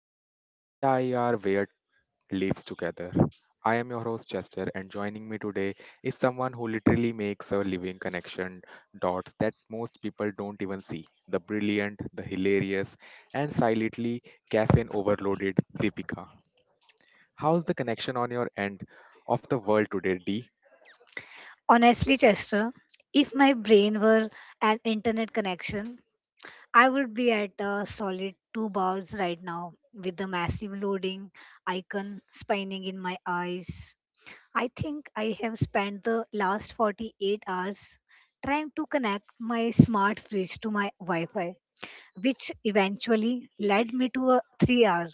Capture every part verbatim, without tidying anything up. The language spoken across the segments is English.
thread that tie our weird lives together. I am your host Chester, and joining me today is someone who literally makes a living connection dots that most people don't even see. The brilliant, the hilarious, and silently caffeine overloaded Deepika. How's the connection on your end of the world today, D? Honestly, Chester, if my brain were an internet connection, I would be at a solid two bars right now with the massive loading icon spinning in my eyes. I think I have spent the last forty-eight hours trying to connect my smart fridge to my Wi Fi, which eventually led me to a three-hour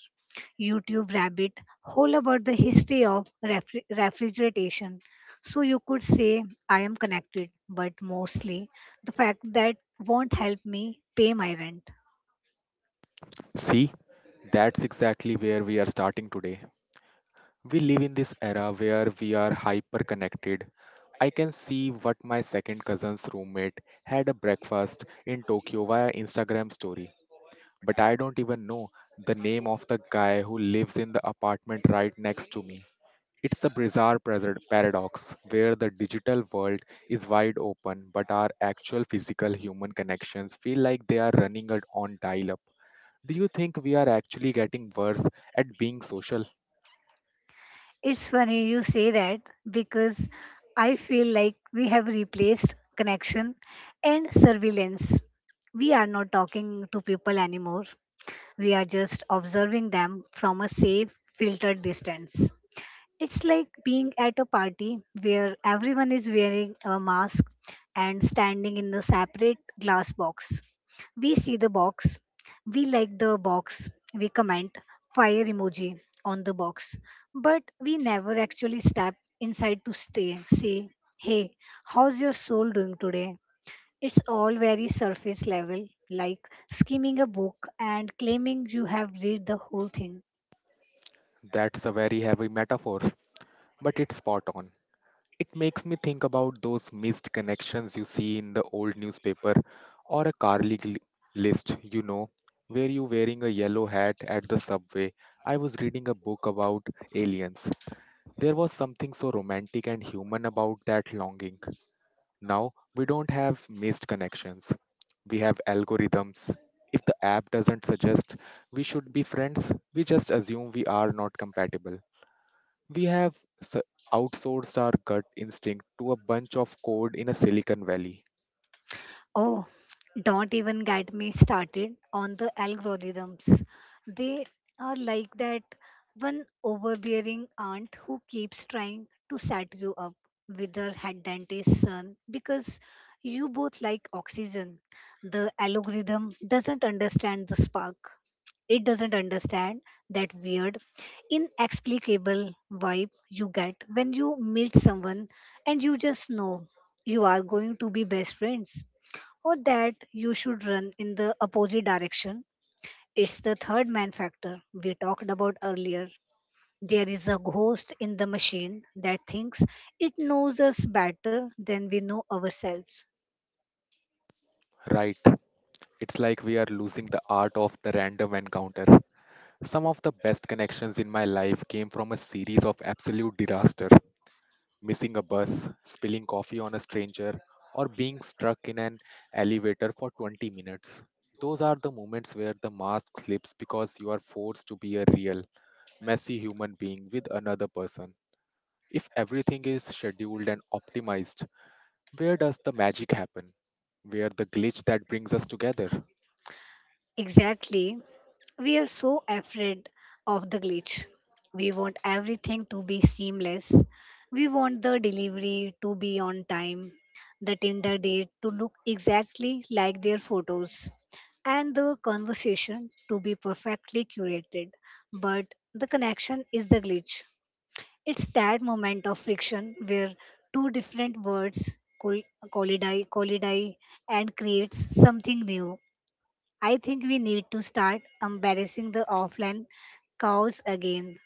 YouTube rabbit hole about the history of refri- refrigeration. So you could say I am connected, but mostly the fact that won't help me pay my rent. See, that's exactly where we are starting today. We live in this era where we are hyper connected. I can see what my second cousin's roommate had a breakfast in Tokyo via Instagram story. But I don't even know the name of the guy who lives in the apartment right next to me. It's a bizarre present paradox where the digital world is wide open, but our actual physical human connections feel like they are running it on dial up. Do you think we are actually getting worse at being social? It's funny you say that because I feel like we have replaced connection and surveillance. We are not talking to people anymore. We are just observing them from a safe, filtered distance. It's like being at a party where everyone is wearing a mask and standing in a separate glass box. We see the box, we like the box, we comment fire emoji on the box, but we never actually step inside to stay. Say, hey, how's your soul doing today? It's all very surface level, like skimming a book and claiming you have read the whole thing. That's a very heavy metaphor, but it's spot on. It makes me think about those missed connections you see in the old newspaper or a car league list, you know, where you wearing a yellow hat at the subway. I was reading a book about aliens. There was something so romantic and human about that longing. Now, we don't have missed connections. We have algorithms. If the app doesn't suggest we should be friends, we just assume we are not compatible. We have s- outsourced our gut instinct to a bunch of code in a Silicon Valley. Oh, don't even get me started on the algorithms. They are like that one overbearing aunt who keeps trying to set you up with her head dentist son because you both like oxygen. The algorithm doesn't understand the spark. It doesn't understand that weird, inexplicable vibe you get when you meet someone and you just know you are going to be best friends, or that you should run in the opposite direction. It's the third man factor we talked about earlier. There is a ghost in the machine that thinks it knows us better than we know ourselves. Right. It's like we are losing the art of the random encounter. Some of the best connections in my life came from a series of absolute disaster missing a bus, spilling coffee on a stranger, or being stuck in an elevator for twenty minutes. Those are the moments where the mask slips because you are forced to be a real, messy human being with another person. If everything is scheduled and optimized, where does the magic happen? Where the glitch that brings us together? Exactly. We are so afraid of the glitch. We want everything to be seamless. We want the delivery to be on time, the Tinder date to look exactly like their photos, and the conversation to be perfectly curated. But the connection is the glitch. It's that moment of friction where two different words col- collide, collide and creates something new. I think we need to start embarrassing the offline cows again.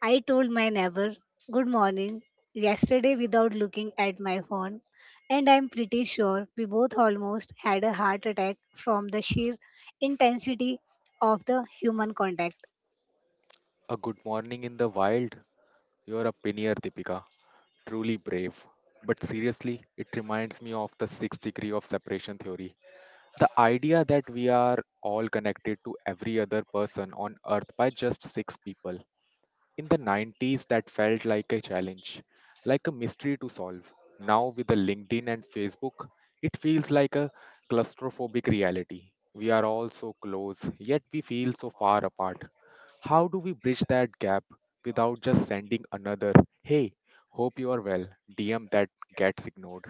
I told my neighbor, good morning, yesterday without looking at my phone, and I'm pretty sure we both almost had a heart attack from the sheer intensity of the human contact. A good morning in the wild. You're a pioneer, Deepika. Truly brave. But seriously, it reminds me of the sixth degree of separation theory. The idea that we are all connected to every other person on earth by just six people. In the nineties, that felt like a challenge, like a mystery to solve. Now, with the LinkedIn and Facebook, it feels like a claustrophobic reality. We are all so close, yet we feel so far apart. How do we bridge that gap without just sending another, hey, hope you are well, D M that gets ignored?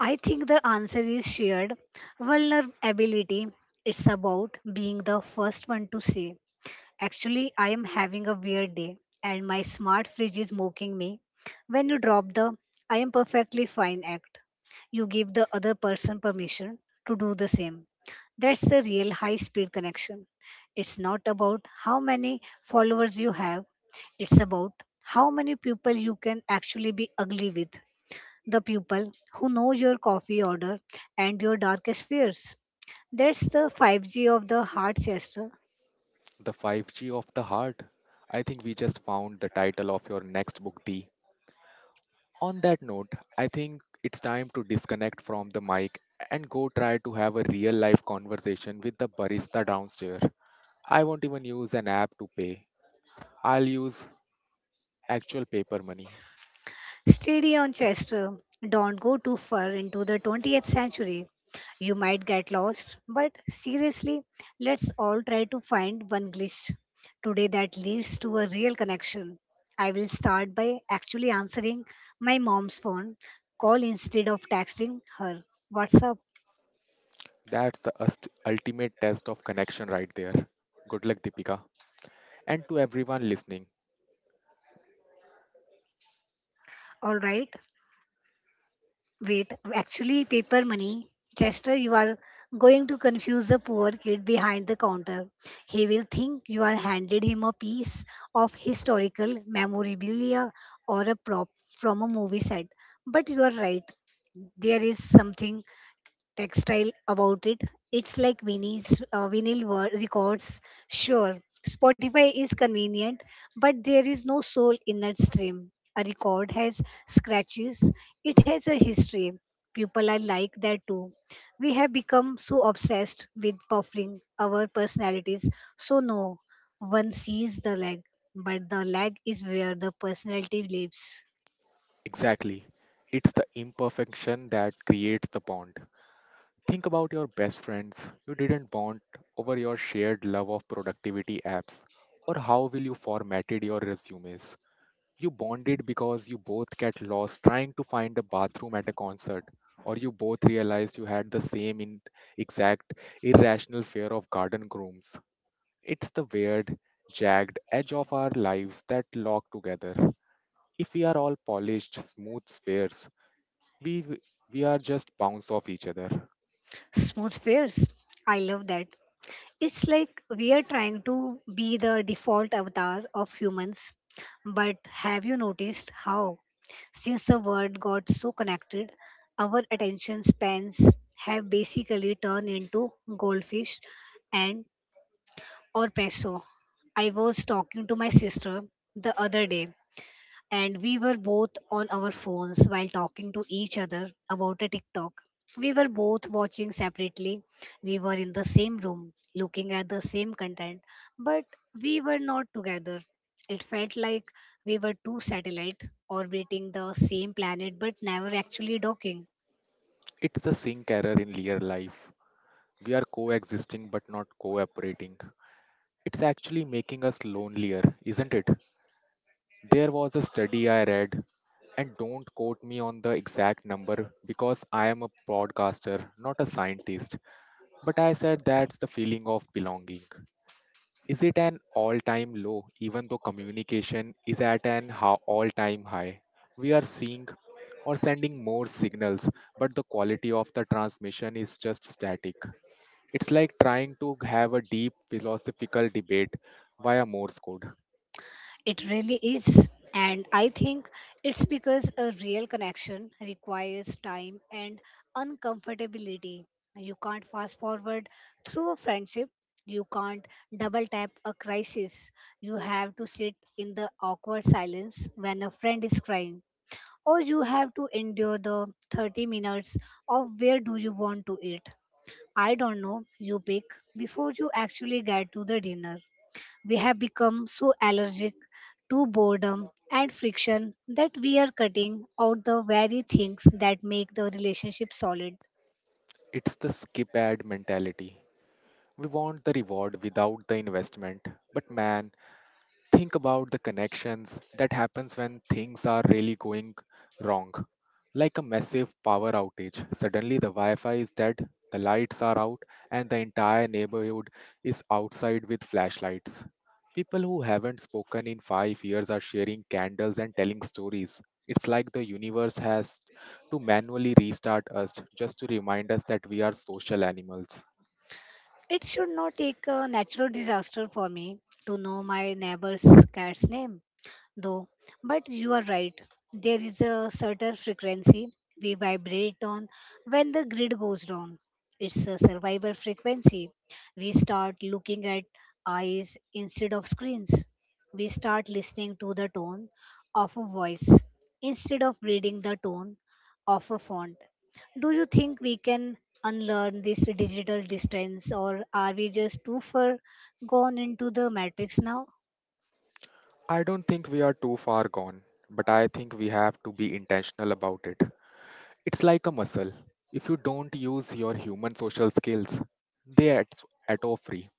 I think the answer is shared vulnerability. It's about being the first one to say, actually, I am having a weird day and my smart fridge is mocking me. When you drop the I am perfectly fine act, you give the other person permission to do the same. That's the real high speed connection. It's not about how many followers you have, it's about how many people you can actually be ugly with. The people who know your coffee order and your darkest fears. That's the five G of the heart, Chester. The five G of the heart. I think we just found the title of your next book, The. On that note, I think it's time to disconnect from the mic and go try to have a real life conversation with the barista downstairs. I won't even use an app to pay, I'll use actual paper money. Steady on, Chester. Don't go too far into the twentieth century. You might get lost, but seriously, let's all try to find one glitch today that leads to a real connection. I will start by actually answering my mom's phone call instead of texting her. What's up? That's the ust- ultimate test of connection right there. Good luck, Deepika. And to everyone listening. All right. Wait, actually, paper money. Chester, you are going to confuse the poor kid behind the counter. He will think you are handed him a piece of historical memorabilia or a prop from a movie set. But you are right. There is something textile about it. It's like Vinny's uh, vinyl wor- records. Sure, Spotify is convenient, but there is no soul in that stream. A record has scratches. It has a history. People are like that too. We have become so obsessed with buffering our personalities. So no, one sees the lag, but the lag is where the personality lives. Exactly. It's the imperfection that creates the bond. Think about your best friends you didn't bond over your shared love of productivity apps or how will you formatted your resumes. You bonded because you both get lost trying to find a bathroom at a concert or you both realized you had the same in exact irrational fear of garden grooms. It's the weird, jagged edge of our lives that lock together. If we are all polished, smooth spheres, we we are just bounce off each other. Smooth fares. I love that. It's like we are trying to be the default avatar of humans. But have you noticed how, since the world got so connected, our attention spans have basically turned into goldfish and or peso? I was talking to my sister the other day and we were both on our phones while talking to each other about a TikTok. We were both watching separately. We were in the same room, looking at the same content, but we were not together. It felt like we were two satellites orbiting the same planet but never actually docking. It's a sync error in real life. We are coexisting but not cooperating. It's actually making us lonelier, isn't it? There was a study I read, and don't quote me on the exact number because I am a broadcaster, not a scientist, but I said that's the feeling of belonging. Is it an all time low, even though communication is at an all time high? We are seeing or sending more signals, but the quality of the transmission is just static. It's like trying to have a deep philosophical debate via Morse code. It really is. And I think it's because a real connection requires time and uncomfortability. You can't fast forward through a friendship. You can't double tap a crisis. You have to sit in the awkward silence when a friend is crying. Or you have to endure the thirty minutes of where do you want to eat. I don't know, you pick, before you actually get to the dinner. We have become so allergic to boredom and friction that we are cutting out the very things that make the relationship solid. It's the skip ad mentality. We want the reward without the investment. But man, think about the connections that happens when things are really going wrong, like a massive power outage. Suddenly the wi-fi is dead, the lights are out, and the entire neighborhood is outside with flashlights. People who haven't spoken in five years are sharing candles and telling stories. It's like the universe has to manually restart us just to remind us that we are social animals. It should not take a natural disaster for me to know my neighbor's cat's name, though. But you are right. There is a certain frequency we vibrate on when the grid goes down. It's a survival frequency. We start looking at eyes instead of screens. We start listening to the tone of a voice instead of reading the tone of a font. Do you think we can unlearn this digital distance, or are we just too far gone into the matrix now? I don't think we are too far gone, but I think we have to be intentional about it. It's like a muscle. If you don't use your human social skills, they at at all free.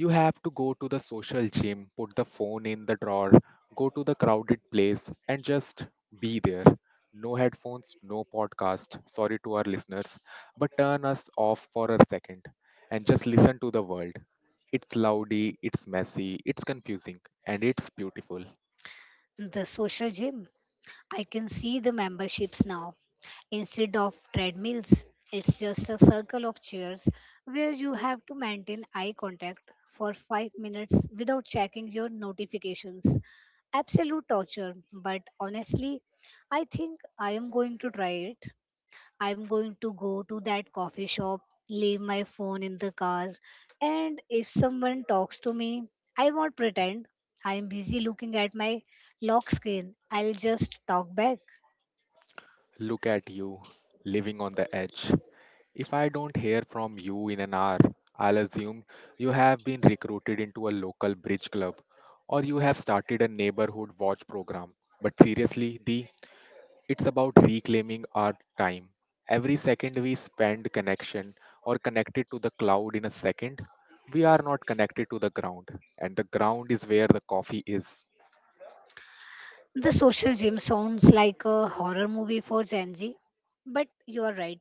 You have to go to the social gym, put the phone in the drawer, go to the crowded place, and just be there. No headphones, no podcast. Sorry to our listeners, but turn us off for a second and just listen to the world. It's loudy, it's messy, it's confusing, and it's beautiful. The social gym. I can see the memberships now. Instead of treadmills, it's just a circle of chairs where you have to maintain eye contact for five minutes without checking your notifications. Absolute torture, but honestly, I think I am going to try it. I'm going to go to that coffee shop, leave my phone in the car, and if someone talks to me, I won't pretend. I'm busy looking at my lock screen. I'll just talk back. Look at you living on the edge. If I don't hear from you in an hour, I'll assume you have been recruited into a local bridge club or you have started a neighborhood watch program. But seriously, the it's about reclaiming our time. Every second we spend connection or connected to the cloud in a second, we are not connected to the ground. And the ground is where the coffee is. The social gym sounds like a horror movie for Gen Z, but you are right.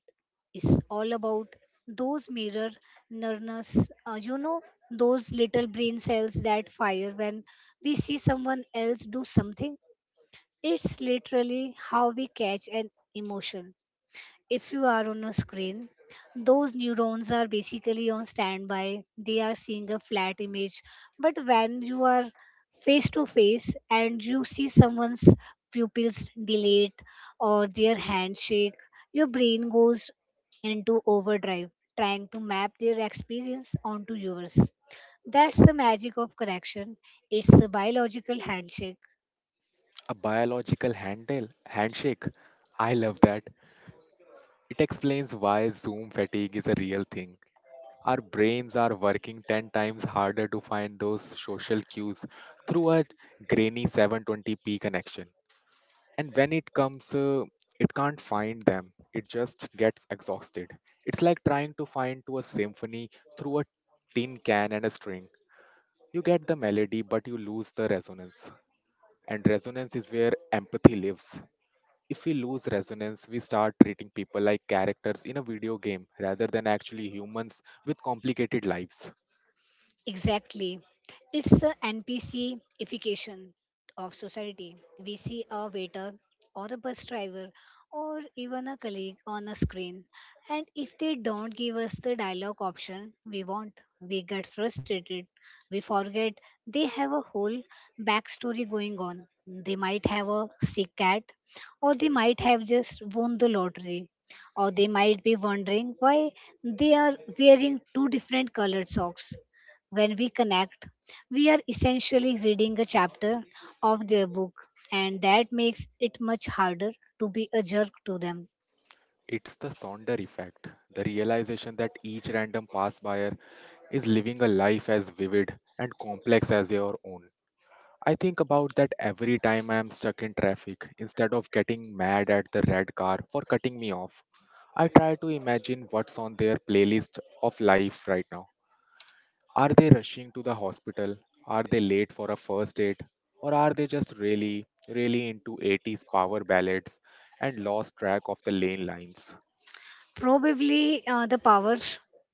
It's all about those mirror neurons, uh, you know, those little brain cells that fire when we see someone else do something. It's literally how we catch an emotion. If you are on a screen, those neurons are basically on standby. They are seeing a flat image. But when you are face to face and you see someone's pupils dilate or their handshake, your brain goes into overdrive, trying to map their experience onto yours. That's the magic of correction. It's a biological handshake. A biological handle handshake. I love that. It explains why Zoom fatigue is a real thing. Our brains are working ten times harder to find those social cues through a grainy seven twenty p connection. And when it comes, uh, it can't find them. It just gets exhausted. It's like trying to find to a symphony through a tin can and a string. You get the melody, but you lose the resonance. And resonance is where empathy lives. If we lose resonance, we start treating people like characters in a video game rather than actually humans with complicated lives. Exactly. It's the NPCification of society. We see a waiter or a bus driver or even a colleague on a screen. And if they don't give us the dialogue option we want, we get frustrated. We forget they have a whole backstory going on. They might have a sick cat, or they might have just won the lottery, or they might be wondering why they are wearing two different colored socks. When we connect, we are essentially reading a chapter of their book, and that makes it much harder to be a jerk to them. It's the Sonder effect, the realization that each random pass buyer is living a life as vivid and complex as your own. I think about that every time I am stuck in traffic. Instead of getting mad at the red car for cutting me off, I try to imagine what's on their playlist of life right now. Are they rushing to the hospital? Are they late for a first date? Or are they just really, really into eighties power ballads and lost track of the lane lines? Probably uh, the power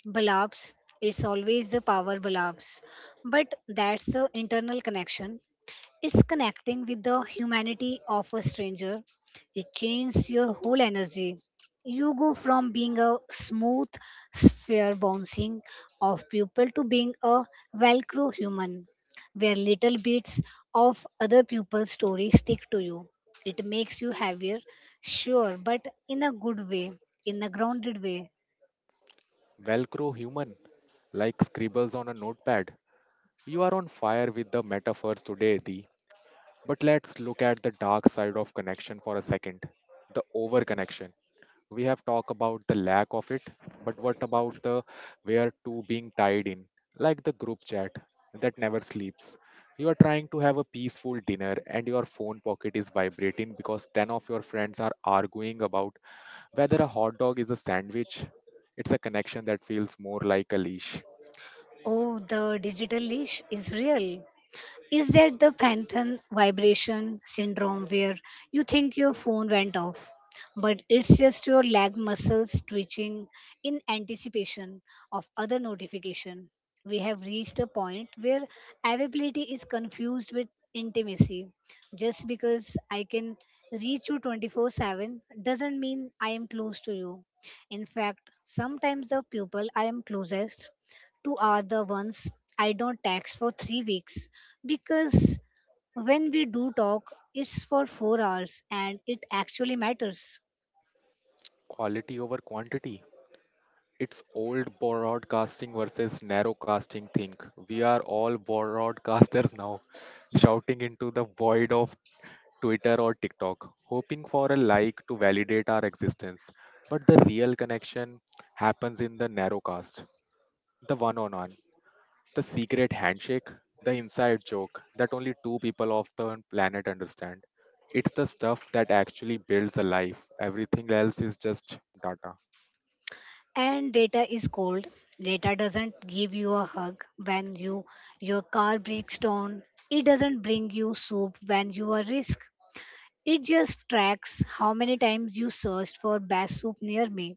belabs. It's always the power belabs. But that's the internal connection. It's connecting with the humanity of a stranger. It changes your whole energy. You go from being a smooth sphere bouncing of pupil to being a velcro human, where little bits of other people's stories stick to you. It makes you heavier, sure, but in a good way, in a grounded way. Velcro human, like scribbles on a notepad. You are on fire with the metaphors today, Adi. But let's look at the dark side of connection for a second, the overconnection. We have talked about the lack of it, but what about the where to being tied in, like the group chat that never sleeps. You are trying to have a peaceful dinner and your phone pocket is vibrating because ten of your friends are arguing about whether a hot dog is a sandwich. It's a connection that feels more like a leash. Oh, the digital leash is real. Is that the phantom vibration syndrome where you think your phone went off, but it's just your leg muscles twitching in anticipation of other notification? We have reached a point where availability is confused with intimacy. Just because I can reach you twenty-four seven doesn't mean I am close to you. In fact, sometimes the people I am closest to are the ones I don't text for three weeks, because when we do talk, it's for four hours and it actually matters. Quality over quantity. It's old broadcasting versus narrowcasting thing. We are all broadcasters now, shouting into the void of Twitter, or TikTok, hoping for a like to validate our existence. But the real connection happens in the narrowcast, the one on one, the secret handshake, the inside joke that only two people of the planet understand. It's the stuff that actually builds a life. Everything else is just data. And data is cold. Data doesn't give you a hug when you your car breaks down. It doesn't bring you soup when you are risk. It just tracks how many times you searched for best soup near me.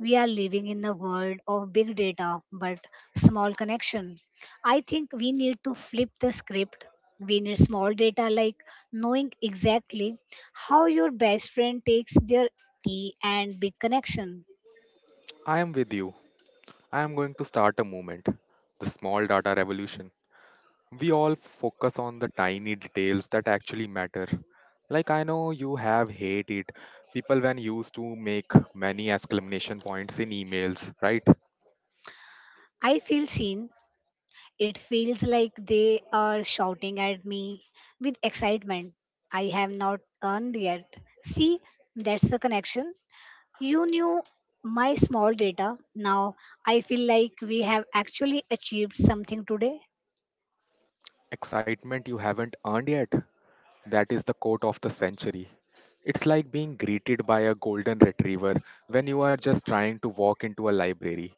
We are living in a world of big data but small connection. I think we need to flip the script. We need small data, like knowing exactly how your best friend takes their tea, and big connection. I am with you. I am going to start a movement, the small data revolution. We all focus on the tiny details that actually matter. Like I know you have hate it. People when used to make many exclamation points in emails, right? I feel seen. It feels like they are shouting at me with excitement. I have not earned yet. See, that's the connection. You knew my small data. Now I feel like we have actually achieved something today. Excitement you haven't earned yet. That is the quote of the century. It's like being greeted by a golden retriever when you are just trying to walk into a library.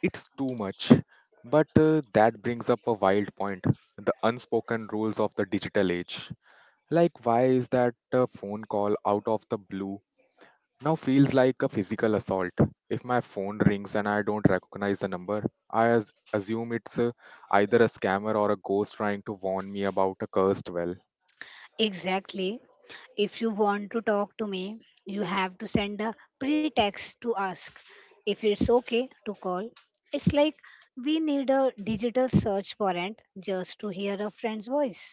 It's too much. But uh, that brings up a wild point, the unspoken rules of the digital age. Like, why is that uh, phone call out of the blue now feels like a physical assault? If my phone rings and I don't recognize the number, I as- assume it's uh, either a scammer or a ghost trying to warn me about a cursed well. Exactly. If you want to talk to me, you have to send a pretext to ask if it's okay to call. It's like we need a digital search warrant just to hear a friend's voice.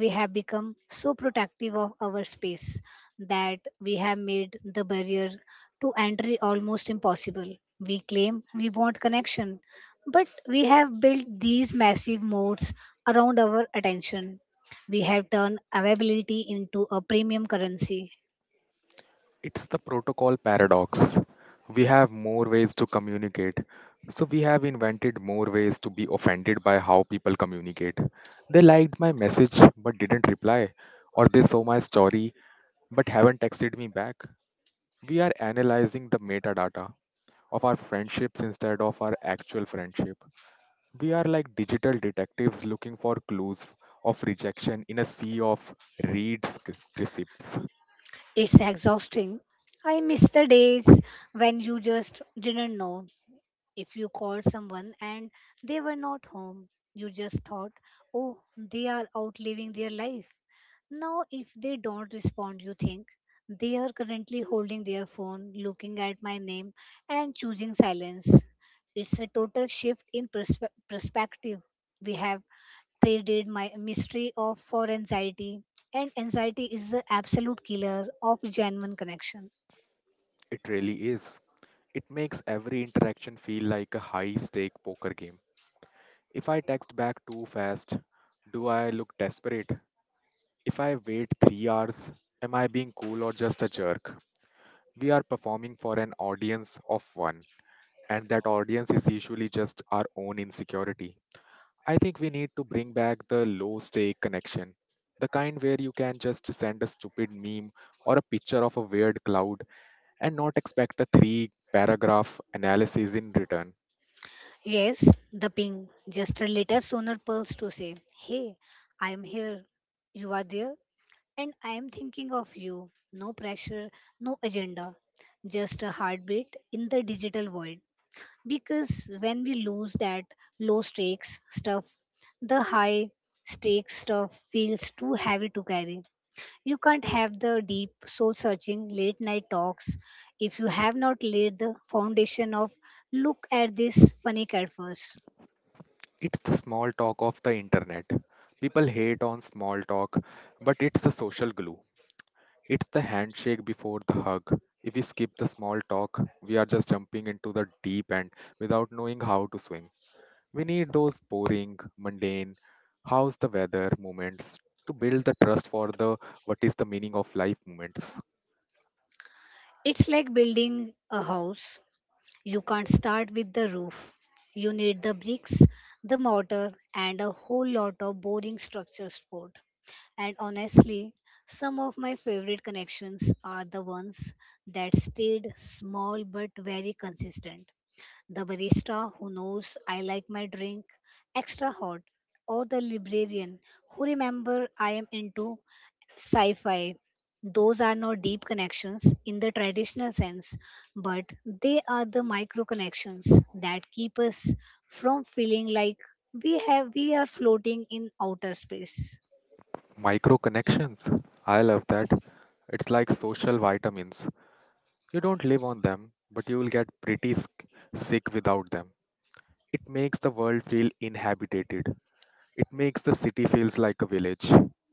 We have become so protective of our space that we have made the barrier to entry almost impossible. We claim we want connection, but we have built these massive moats around our attention. We have turned availability into a premium currency. It's the protocol paradox. We have more ways to communicate, so we have invented more ways to be offended by how people communicate. They liked my message but didn't reply, or they saw my story but haven't texted me back. We are analyzing the metadata of our friendships instead of our actual friendship. We are like digital detectives looking for clues of rejection in a sea of reads receipts. It's exhausting. I miss the days when you just didn't know if you called someone and they were not home. You just thought, "Oh, they are out living their life." Now, if they don't respond, you think they are currently holding their phone, looking at my name, and choosing silence. It's a total shift in perspe- perspective. We have traded my mystery of for anxiety, and anxiety is the absolute killer of genuine connection. It really is. It makes every interaction feel like a high stake poker game. If I text back too fast, do I look desperate? If I wait three hours, am I being cool or just a jerk? We are performing for an audience of one, and that audience is usually just our own insecurity. I think we need to bring back the low stake connection, the kind where you can just send a stupid meme or a picture of a weird cloud and not expect a three paragraph analysis in return. Yes, the ping, just a little sooner pulse to say, "Hey, I am here, you are there, and I am thinking of you." No pressure, no agenda, just a heartbeat in the digital world. Because when we lose that low stakes stuff, the high stakes stuff feels too heavy to carry. You can't have the deep, soul searching late night talks if you have not laid the foundation of look at this funny cat first. It's the small talk of the internet. People hate on small talk, but it's the social glue. It's the handshake before the hug. If we skip the small talk, we are just jumping into the deep end without knowing how to swim. We need those boring, mundane, how's the weather moments to build the trust for the what is the meaning of life moments. It's like building a house. You can't start with the roof. You need the bricks, the mortar, and a whole lot of boring structure support. And honestly, some of my favorite connections are the ones that stayed small but very consistent: the barista who knows I like my drink extra hot, or the librarian who remember I am into sci-fi. Those are not deep connections in the traditional sense, but they are the micro connections that keep us from feeling like we have we are floating in outer space. Micro connections. I love that. It's like social vitamins. You don't live on them, but you will get pretty sick sick without them. It makes the world feel inhabited. It makes the city feels like a village.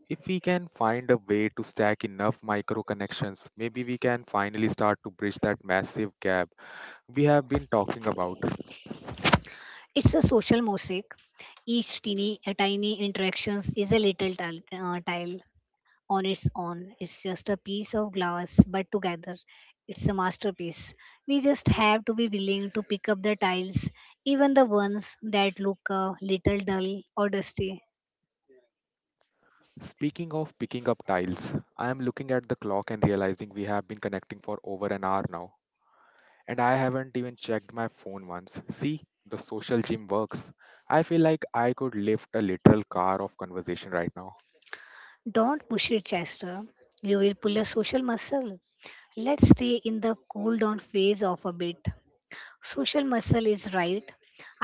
If we can find a way to stack enough micro connections, maybe we can finally start to bridge that massive gap we have been talking about. It's a social mosaic, each teeny tiny interactions is a little tile, uh, tile on its own. It's just a piece of glass, but together it's a masterpiece. We just have to be willing to pick up the tiles, even the ones that look a little dull or dusty. Speaking of picking up tiles, I am looking at the clock and realizing we have been connecting for over an hour now. And I haven't even checked my phone once. See, the social gym works. I feel like I could lift a literal car of conversation right now. Don't push it, Chester. You will pull a social muscle. Let's stay in the cool down phase of a bit. Social muscle is right.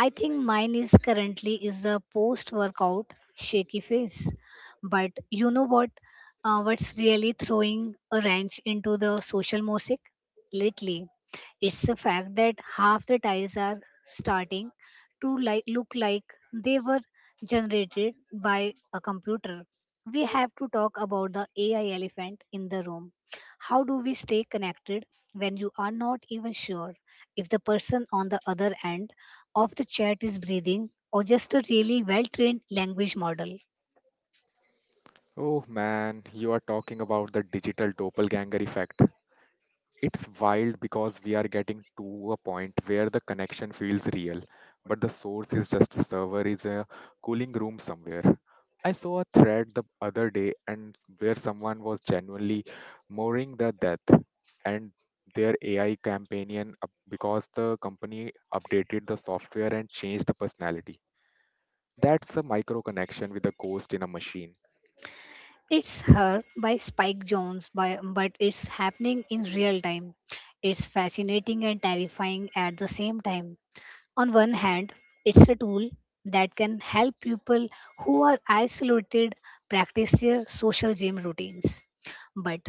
I think mine is currently is the post workout shaky phase. But you know what, uh, what's really throwing a wrench into the social mosaic lately, it's the fact that half the tiles are starting to like look like they were generated by a computer. We have to talk about the AI elephant in the room. How do we stay connected when you are not even sure if the person on the other end of the chat is breathing or just a really well trained language model? Oh man, you are talking about the digital doppelganger effect. It's wild because we are getting to a point where the connection feels real, but the source is just a server is a cooling room somewhere. I saw a thread the other day and where someone was genuinely mourning the death and their A I companion up- because the company updated the software and changed the personality. That's a micro connection with a ghost in a machine. It's Her by Spike Jones, by, but it's happening in real time. It's fascinating and terrifying at the same time. On one hand, it's a tool that can help people who are isolated practice their social gym routines. But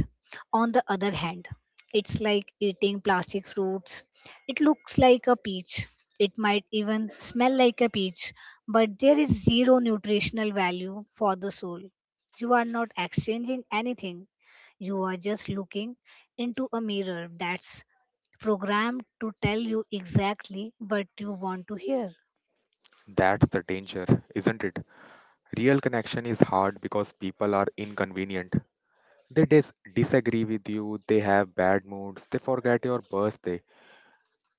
on the other hand, it's like eating plastic fruits. It looks like a peach. It might even smell like a peach, but there is zero nutritional value for the soul. You are not exchanging anything. You are just looking into a mirror that's programmed to tell you exactly what you want to hear. That's the danger, isn't it? Real connection is hard because people are inconvenient. They dis- disagree with you, they have bad moods, they forget your birthday.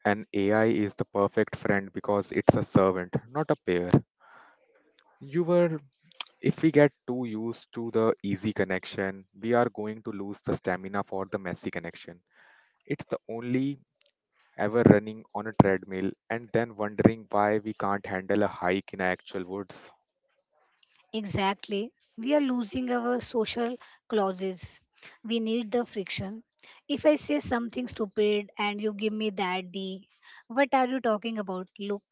An A I is the perfect friend because it's a servant, not a pair. You were, if we get too used to the easy connection, we are going to lose the stamina for the messy connection. It's the only ever running on a treadmill and then wondering why we can't handle a hike in actual woods. Exactly. We are losing our social clauses. We need the friction. If I say something stupid and you give me that D, what are you talking about? Look,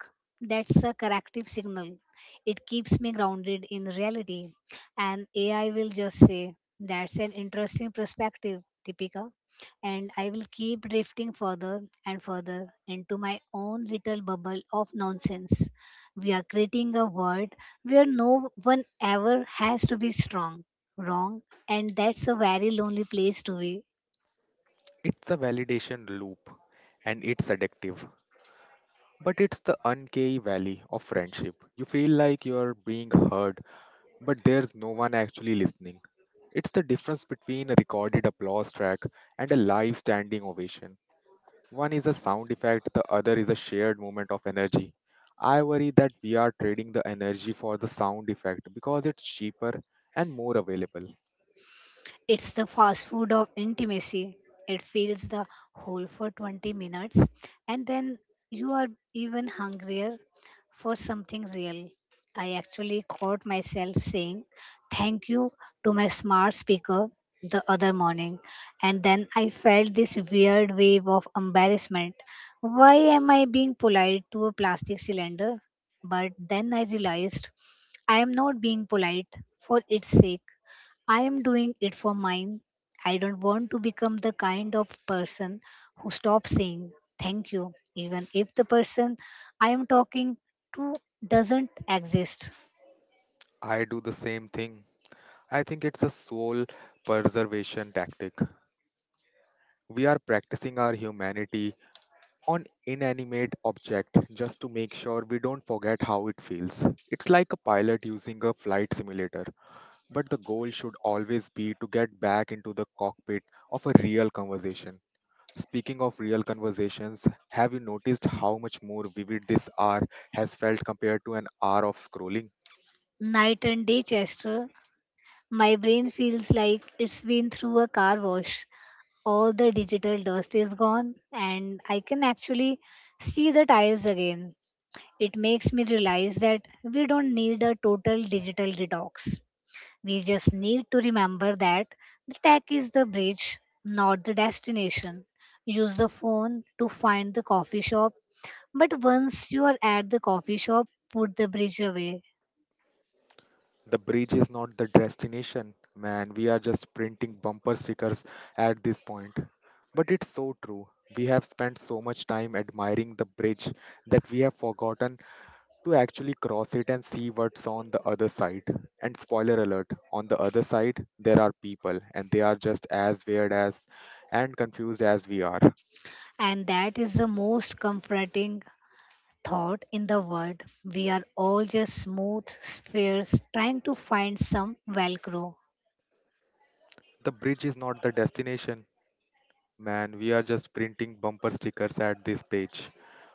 that's a corrective signal. It keeps me grounded in reality. And A I will just say, "That's an interesting perspective, Deepika." And I will keep drifting further and further into my own little bubble of nonsense. We are creating a world where no one ever has to be strong, wrong, and that's a very lonely place to be. It's a validation loop and it's addictive. But it's the uncanny valley of friendship. You feel like you're being heard, but there's no one actually listening. It's the difference between a recorded applause track and a live standing ovation. One is a sound effect, the other is a shared moment of energy. I worry that we are trading the energy for the sound effect because it's cheaper and more available. It's the fast food of intimacy. It fills the hole for twenty minutes, and then you are even hungrier for something real. I actually caught myself saying thank you to my smart speaker the other morning, and then I felt this weird wave of embarrassment. Why am I being polite to a plastic cylinder? But then I realized I am not being polite for its sake. I am doing it for mine. I don't want to become the kind of person who stops saying thank you, even if the person I am talking to doesn't exist. I do the same thing. I think it's a soul preservation tactic. We are practicing our humanity on inanimate object just to make sure we don't forget how it feels. It's like a pilot using a flight simulator, but the goal should always be to get back into the cockpit of a real conversation. Speaking of real conversations, have you noticed how much more vivid this hour has felt compared to an hour of scrolling? Night and day, Chester, my brain feels like it's been through a car wash. All the digital dust is gone, and I can actually see the tiles again. It makes me realize that we don't need a total digital detox. We just need to remember that the tech is the bridge, not the destination. Use the phone to find the coffee shop, but once you are at the coffee shop, put the bridge away. The bridge is not the destination, man. We are just printing bumper stickers at this point. But it's so true. We have spent so much time admiring the bridge that we have forgotten to actually cross it and see what's on the other side. And spoiler alert, on the other side, there are people, and they are just as weird as and confused as we are. And that is the most comforting thought in the world. We are all just smooth spheres trying to find some Velcro. The bridge is not the destination, man, we are just printing bumper stickers at this page.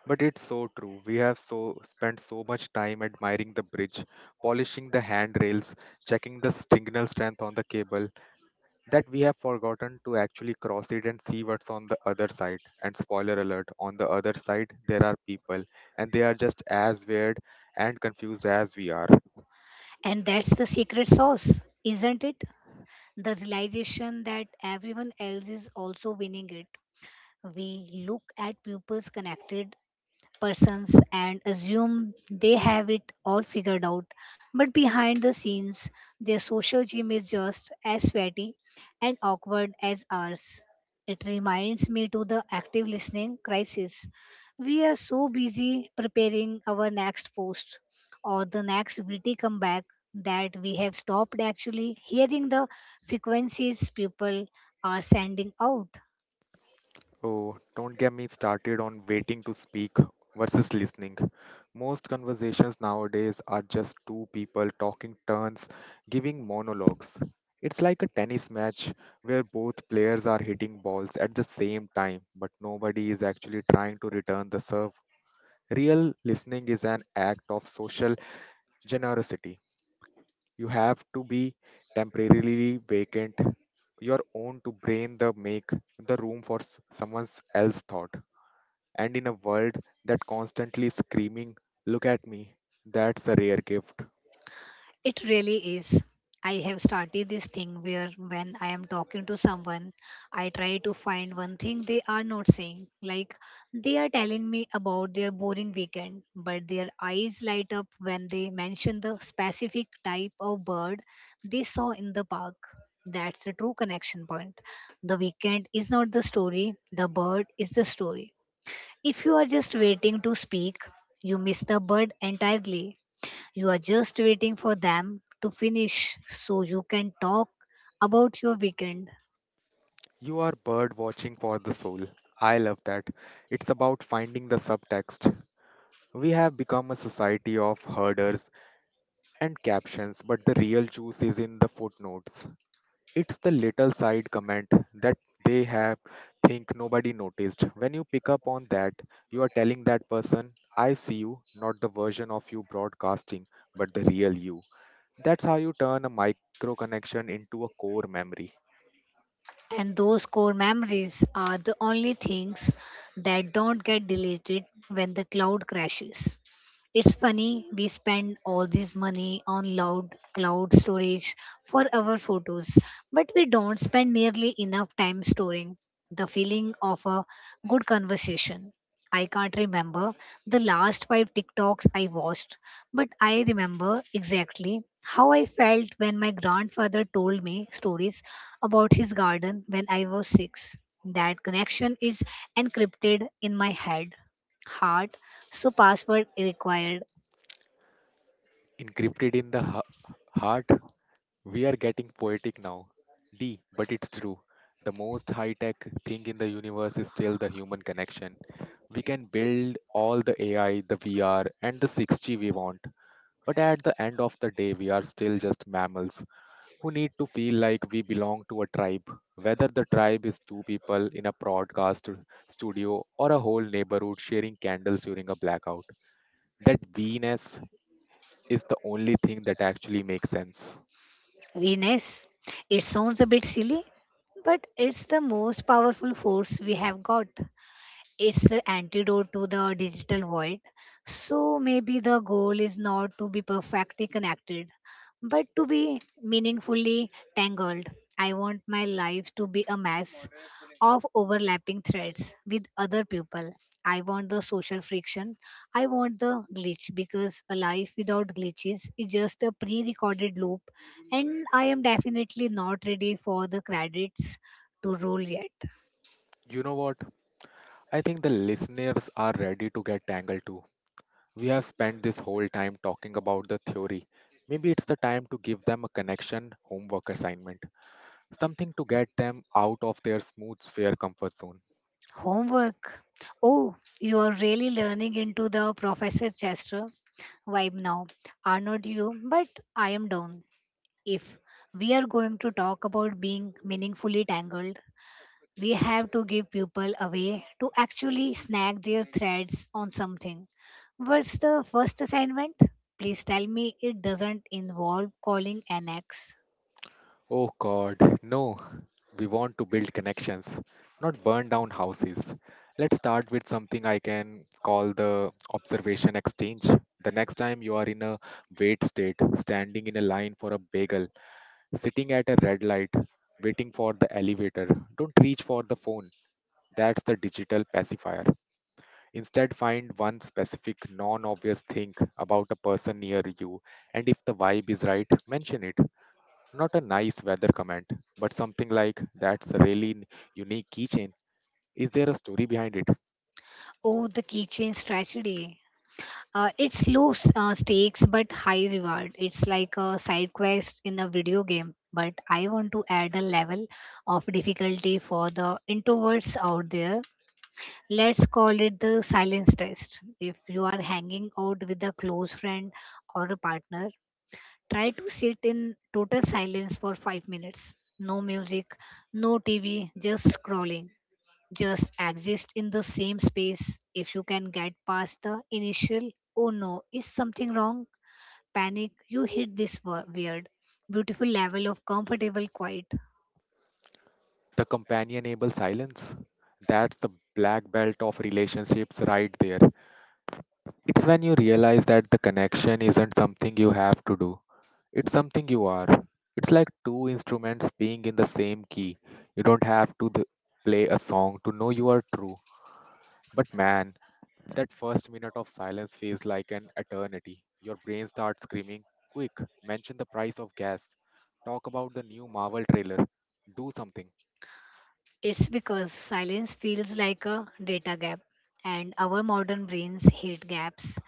But it's so true. We have so spent so much time admiring the bridge, polishing the handrails, checking the signal strength on the cable that we have forgotten to actually cross it and see what's on the other side. And spoiler alert, on the other side there are people and they are just as weird and confused as we are. And that's the secret sauce, isn't it? The realization that everyone else is also winning it. We look at pupils connected persons and assume they have it all figured out. But behind the scenes, their social gym is just as sweaty and awkward as ours. It reminds me to the active listening crisis. We are so busy preparing our next post or the next witty comeback that we have stopped actually hearing the frequencies people are sending out. Oh, don't get me started on waiting to speak versus listening. Most conversations nowadays are just two people talking turns, giving monologues. It's like a tennis match where both players are hitting balls at the same time, but nobody is actually trying to return the serve. Real listening is an act of social generosity. You have to be temporarily vacant your own to brain the make the room for s- someone else's thought. And in a world that constantly screaming, look at me, that's a rare gift. It really is. I have started this thing where when I am talking to someone, I try to find one thing they are not saying. Like they are telling me about their boring weekend, but their eyes light up when they mention the specific type of bird they saw in the park. That's the true connection point. The weekend is not the story, the bird is the story. If you are just waiting to speak, you miss the bird entirely. You are just waiting for them to finish so you can talk about your weekend. You are bird watching for the soul. I love that. It's about finding the subtext. We have become a society of herders and captions, but the real juice is in the footnotes. It's the little side comment that they have think nobody noticed. When you pick up on that, you are telling that person, I see you, not the version of you broadcasting, but the real you. That's how you turn a micro connection into a core memory. And those core memories are the only things that don't get deleted when the cloud crashes. It's funny, we spend all this money on loud cloud storage for our photos, but we don't spend nearly enough time storing the feeling of a good conversation. I can't remember the last five TikToks I watched, but I remember exactly how I felt when my grandfather told me stories about his garden when I was six. That connection is encrypted in my head heart so password required. Encrypted in the h- heart, we are getting poetic now. D, but it's true. The most high tech thing in the universe is still the human connection. We can build all the A I, the V R, and the six G we want. But at the end of the day, we are still just mammals who need to feel like we belong to a tribe. Whether the tribe is two people in a broadcast studio or a whole neighborhood sharing candles during a blackout. That Venus is the only thing that actually makes sense. Ines, it sounds a bit silly, but it's the most powerful force we have got. It's the antidote to the digital void. So maybe the goal is not to be perfectly connected, but to be meaningfully tangled. I want my life to be a mess of overlapping threads with other people. I want the social friction. I want the glitch because a life without glitches is just a pre recorded loop, and I am definitely not ready for the credits to roll yet. You know what? I think the listeners are ready to get tangled too. We have spent this whole time talking about the theory. Maybe it's the time to give them a connection homework assignment, something to get them out of their smooth sphere comfort zone. Homework. Oh, you are really learning into the Professor Chester vibe now, are not you? But I am down. If we are going to talk about being meaningfully tangled, we have to give people a way to actually snag their threads on something. What's the first assignment? Please tell me it doesn't involve calling an ex. Oh God, no. We want to build connections, not burn down houses. Let's start with something I can call the observation exchange. The next time you are in a wait state, standing in a line for a bagel, sitting at a red light, waiting for the elevator, don't reach for the phone. That's the digital pacifier. Instead, find one specific non obvious thing about a person near you, and if the vibe is right, mention it. Not a nice weather comment, but something like that's a really n- unique keychain. Is there a story behind it? Oh, the keychain's tragedy. Uh, it's low s- uh, stakes but high reward. It's like a side quest in a video game, but I want to add a level of difficulty for the introverts out there. Let's call it the silence test. If you are hanging out with a close friend or a partner, try to sit in total silence for five minutes. No music, no T V, just scrolling just exist in the same space. If you can get past the initial, "Oh no, is something wrong?" panic, you hit this wo- weird, beautiful level of comfortable quiet. The companionable silence. That's the black belt of relationships right there. It's when you realize that the connection isn't something you have to do, it's something you are. It's like two instruments being in the same key. You don't have to th- play a song to know you are true. But man, that first minute of silence feels like an eternity. Your brain starts screaming, quick, mention the price of gas. Talk about the new Marvel trailer. Do something. It's because silence feels like a data gap, and our modern brains hate gaps.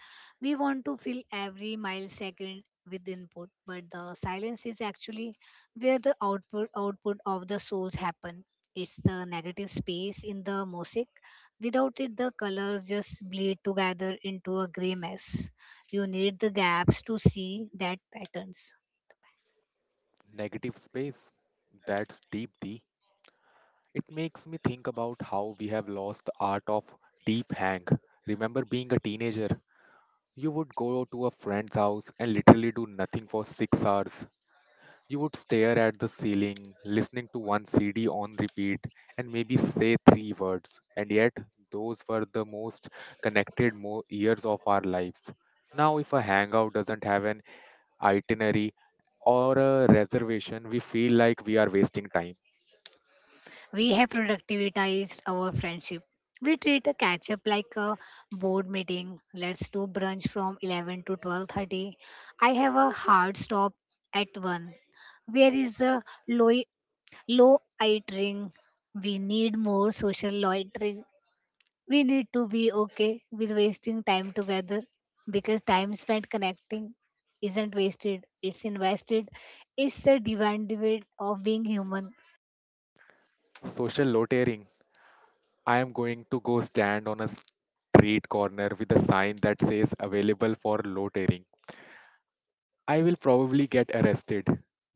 We want to fill every millisecond with input, but the silence is actually where the output output of the souls happen. It's the negative space in the mosaic. Without it, the colors just bleed together into a gray mess. You need the gaps to see that patterns. Negative space. That's deep D. It makes me think about how we have lost the art of deep hang. Remember being a teenager? You would go to a friend's house and literally do nothing for six hours. You would stare at the ceiling, listening to one C D on repeat, and maybe say three words. And yet, those were the most connected mo- years of our lives. Now, if a hangout doesn't have an itinerary or a reservation, we feel like we are wasting time. We have productivitized our friendship. We treat a catch up like a board meeting. Let's do brunch from eleven to twelve thirty. I have a hard stop at one. Where is the low low itering? We need more social loitering. We need to be okay with wasting time together because time spent connecting isn't wasted, it's invested. It's the divine debate of being human. Social loitering. I am going to go stand on a street corner with a sign that says available for loitering. I will probably get arrested,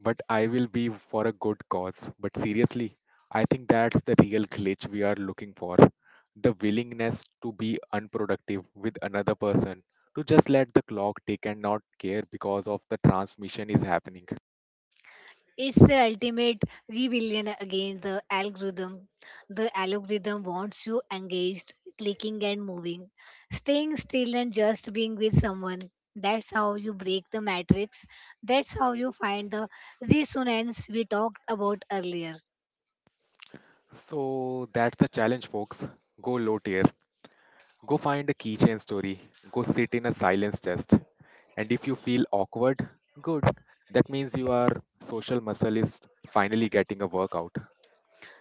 but I will be for a good cause. But seriously, I think that's the real glitch we are looking for. The willingness to be unproductive with another person, to just let the clock tick and not care because of the transmission is happening. It's the ultimate rebellion against the algorithm. The algorithm wants you engaged, clicking and moving, staying still and just being with someone. That's how you break the matrix. That's how you find the resonance we talked about earlier. So that's the challenge, folks. Go low tier. Go find a keychain story. Go sit in a silence test. And if you feel awkward, good. That means your social muscle is finally getting a workout.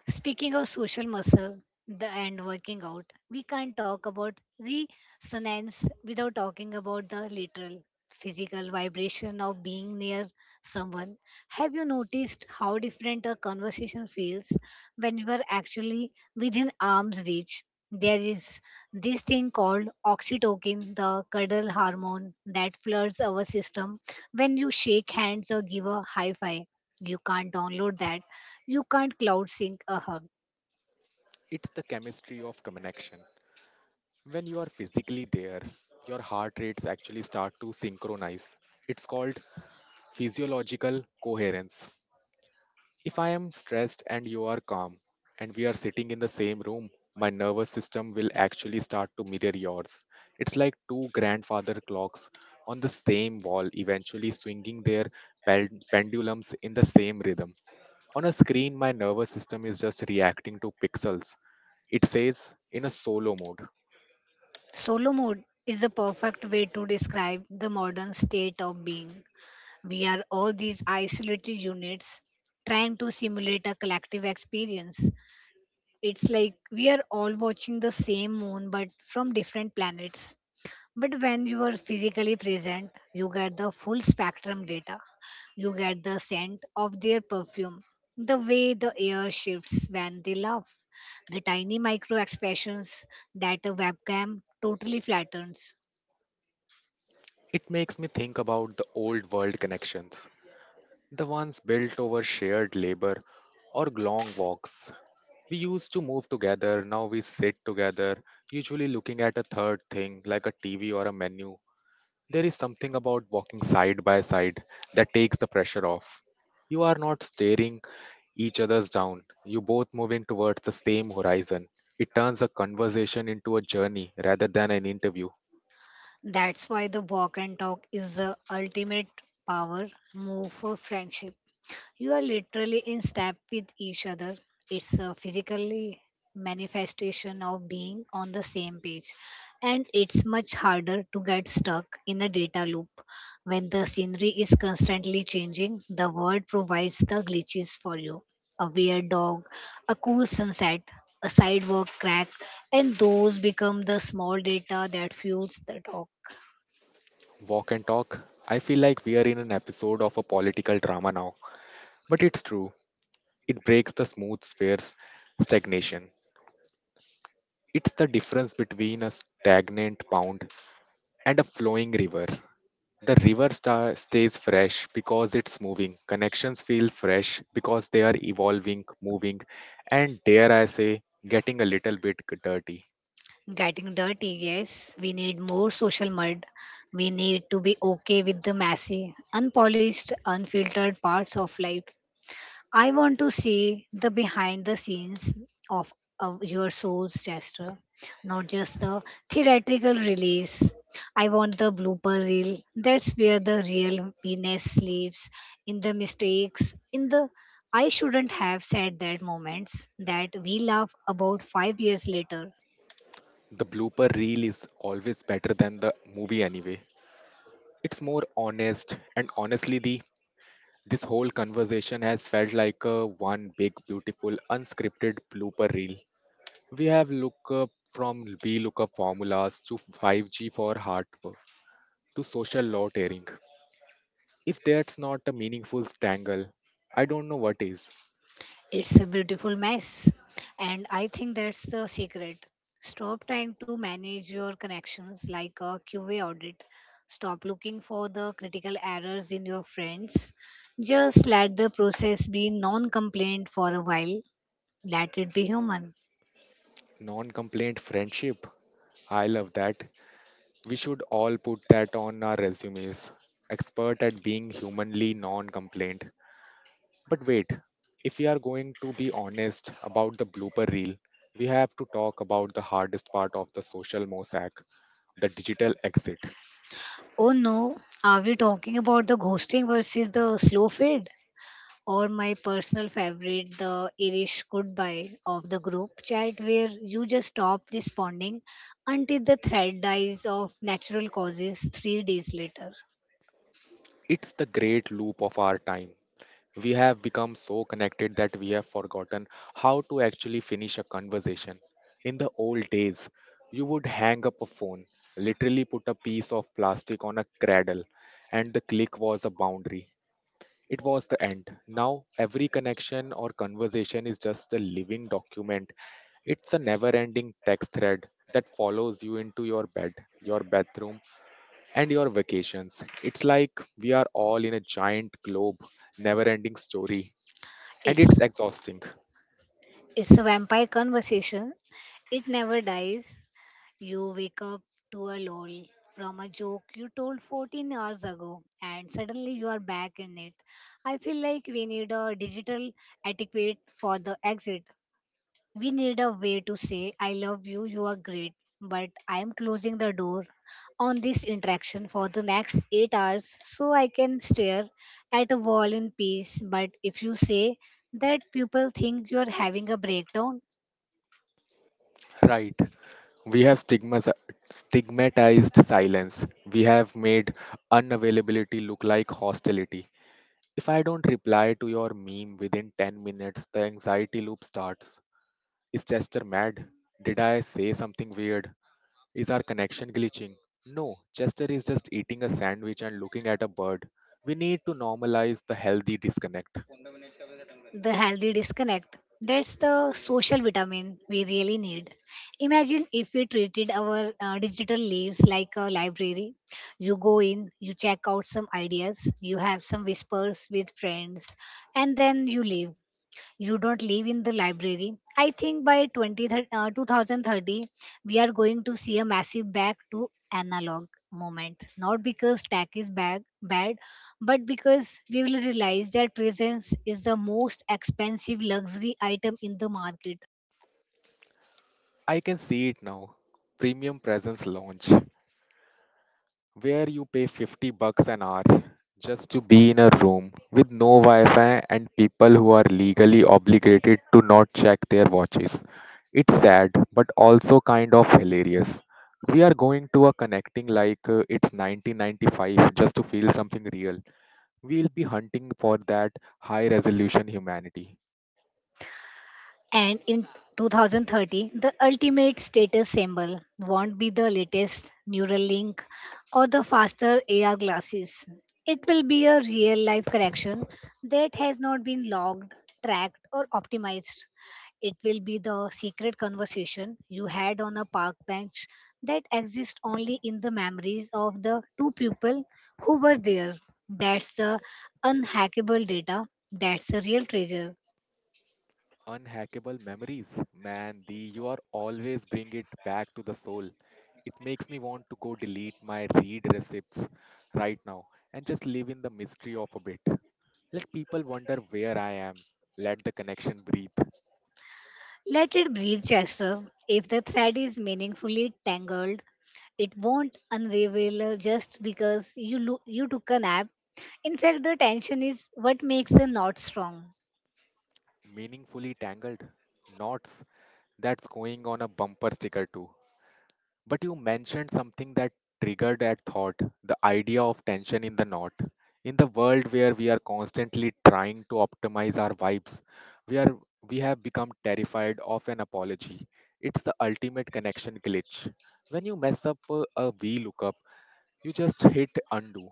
Speaking of social muscle the, and working out, we can't talk about resonance without talking about the literal physical vibration of being near someone. Have you noticed how different a conversation feels when you are actually within arm's reach? There is this thing called oxytocin, the cuddle hormone that floods our system when you shake hands or give a high five. You can't download that, you can't cloud sync a hug. It's the chemistry of connection. When you are physically there, your heart rates actually start to synchronize. It's called physiological coherence. If I am stressed and you are calm, and we are sitting in the same room, my nervous system will actually start to mirror yours. It's like two grandfather clocks on the same wall, eventually swinging their pel- pendulums in the same rhythm. On a screen, my nervous system is just reacting to pixels. It says in a solo mode. Solo mode is the perfect way to describe the modern state of being. We are all these isolated units trying to simulate a collective experience. It's like we are all watching the same moon but from different planets. But when you are physically present, you get the full spectrum data. You get the scent of their perfume, the way the air shifts when they laugh, the tiny micro expressions that a webcam totally flattens. It makes me think about the old world connections, the ones built over shared labor or long walks. We used to move together, now we sit together, usually looking at a third thing like a T V or a menu. There is something about walking side by side that takes the pressure off. You are not staring each other's down, you both moving towards the same horizon. It turns a conversation into a journey rather than an interview. That's why the walk and talk is the ultimate power move for friendship. You are literally in step with each other. It's a physically manifestation of being on the same page. And it's much harder to get stuck in a data loop. When the scenery is constantly changing, the world provides the glitches for you. A weird dog, a cool sunset, a sidewalk crack, and those become the small data that fuels the dog. Walk and Talk. I feel like we are in an episode of a political drama now, but it's true. It breaks the smooth spheres stagnation. It's the difference between a stagnant pond and a flowing river. The river sta- stays fresh because it's moving. Connections feel fresh because they are evolving, moving, and dare I say, getting a little bit dirty. Getting dirty, yes. We need more social mud. We need to be okay with the messy, unpolished, unfiltered parts of life. I want to see the behind the scenes of, of your soul's gesture, not just the theatrical release. I want the blooper reel. That's where the real penis lives in the mistakes, in the I shouldn't have said that moments that we laugh about five years later. The blooper reel is always better than the movie anyway. It's more honest, and honestly, the this whole conversation has felt like a one big, beautiful, unscripted blooper reel. We have looked up from VLOOKUP formulas to five G for heart to social law tearing. If that's not a meaningful strangle, I don't know what is. It's a beautiful mess. And I think that's the secret. Stop trying to manage your connections like a Q A audit. Stop looking for the critical errors in your friends. Just let the process be non complaint for a while. Let it be human. Non complaint friendship. I love that. We should all put that on our resumes. Expert at being humanly non complaint. But wait, if we are going to be honest about the blooper reel, we have to talk about the hardest part of the social mosaic, the digital exit. Oh no, are we talking about the ghosting versus the slow fade, or my personal favorite, the Irish goodbye of the group chat, where you just stop responding until the thread dies of natural causes three days later. It's the great loop of our time. We have become so connected that we have forgotten how to actually finish a conversation. In the old days, you would hang up a phone, literally put a piece of plastic on a cradle, and the click was a boundary. It was the end. Now, every connection or conversation is just a living document. It's a never ending text thread that follows you into your bed, your bathroom, and your vacations. It's like we are all in a giant globe, never ending story. And It's it's exhausting. it's a vampire conversation. It never dies. You wake up to a lol from a joke you told fourteen hours ago, and suddenly you are back in it. I feel like we need a digital etiquette for the exit. We need a way to say, I love you, you are great, but I am closing the door on this interaction for the next eight hours so I can stare at a wall in peace. But if you say that, people think you are having a breakdown. Right. We have stigmas- stigmatized silence. We have made unavailability look like hostility. If I don't reply to your meme within ten minutes, the anxiety loop starts. Is Chester mad? Did I say something weird? Is our connection glitching? No, Chester is just eating a sandwich and looking at a bird. We need to normalize the healthy disconnect. The healthy disconnect. That's the social vitamin we really need. Imagine if we treated our uh, digital lives like a library. You go in, you check out some ideas, you have some whispers with friends, and then you leave. You don't live in the library. I think by 20, thir- uh, two thousand thirty we are going to see a massive back to analog moment, not because tech is bad, bad but because we will realize that presence is the most expensive luxury item in the market. I can see it now. Premium Presence Lounge, where you pay fifty bucks an hour just to be in a room with no Wi Fi and people who are legally obligated to not check their watches. It's sad, but also kind of hilarious. We are going to a connecting like uh, it's nineteen ninety-five just to feel something real. We'll be hunting for that high resolution humanity. And in two thousand thirty, the ultimate status symbol won't be the latest Neuralink or the faster A R glasses. It will be a real life correction that has not been logged, tracked, or optimized. It will be the secret conversation you had on a park bench that exists only in the memories of the two people who were there. That's the unhackable data. That's the real treasure. Unhackable memories. Man, the you are always bring it back to the soul. It makes me want to go delete my read receipts right now and just live in the mystery of a bit. Let people wonder where I am. Let the connection breathe. Let it breathe, Chester. If the thread is meaningfully tangled, it won't unravel just because you lo- you took a nap. In fact, the tension is what makes a knot strong. Meaningfully tangled knots. That's going on a bumper sticker too. But you mentioned something that triggered that thought, the idea of tension in the knot. In the world where we are constantly trying to optimize our vibes, we, are, we have become terrified of an apology. It's the ultimate connection glitch. When you mess up a, a VLOOKUP, you just hit undo,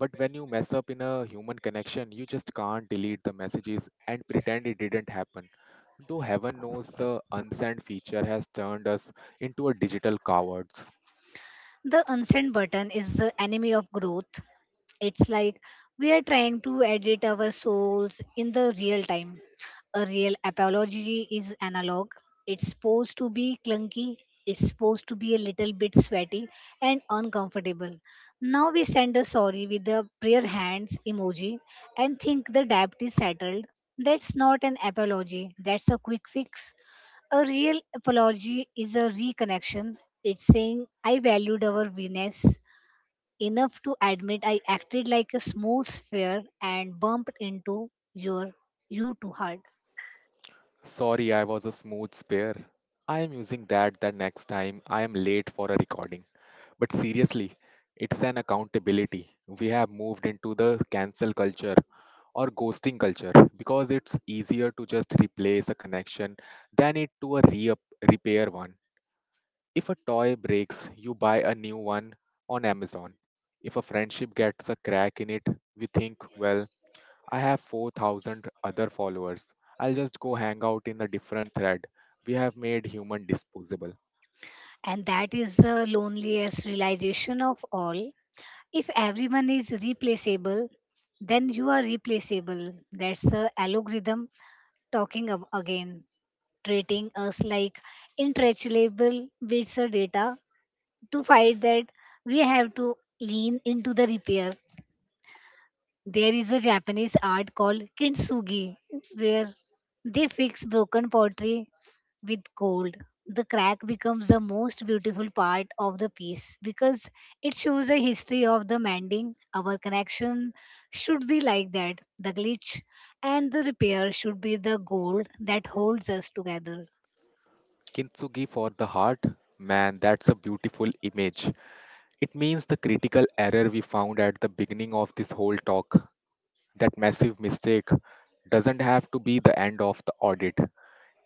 but when you mess up in a human connection you just can't delete the messages and pretend it didn't happen, though heaven knows the unsent feature has turned us into a digital cowards. The unsend button is the enemy of growth. It's like we are trying to edit our souls in the real time. A real apology is analog. It's supposed to be clunky. It's supposed to be a little bit sweaty and uncomfortable. Now we send a sorry with the prayer hands emoji and think the debt is settled. That's not an apology. That's a quick fix. A real apology is a reconnection. It's saying I valued our Venus enough to admit I acted like a smooth sphere and bumped into your you too hard. Sorry I was a smooth spare. I am using that the next time I am late for a recording. But seriously, it's an accountability. We have moved into the cancel culture or ghosting culture because it's easier to just replace a connection than it to a re- repair one. If a toy breaks, you buy a new one on Amazon. If a friendship gets a crack in it, we think, well, I have four thousand other followers. I'll just go hang out in a different thread. We have made human disposable. And that is the loneliest realization of all. If everyone is replaceable, then you are replaceable. That's the algorithm talking ab- again, treating us like interchangeable bits of data. To fight that, we have to lean into the repair. There is a Japanese art called kintsugi where they fix broken pottery with gold. The crack becomes the most beautiful part of the piece because it shows a history of the mending. Our connection should be like that. The glitch and the repair should be the gold that holds us together. Kintsugi for the heart? Man, that's a beautiful image. It means the critical error we found at the beginning of this whole talk. That massive mistake doesn't have to be the end of the audit.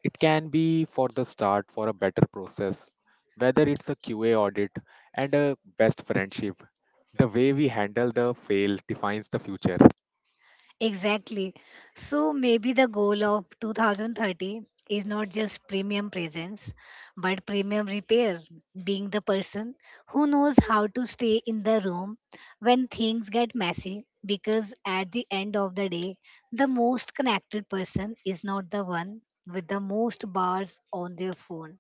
It can be for the start for a better process, whether it's a Q A audit and a best friendship. The way we handle the fail defines the future. Exactly. So maybe the goal of two thousand thirty is not just premium presence, but premium repair, being the person who knows how to stay in the room when things get messy. Because at the end of the day, the most connected person is not the one with the most bars on their phone.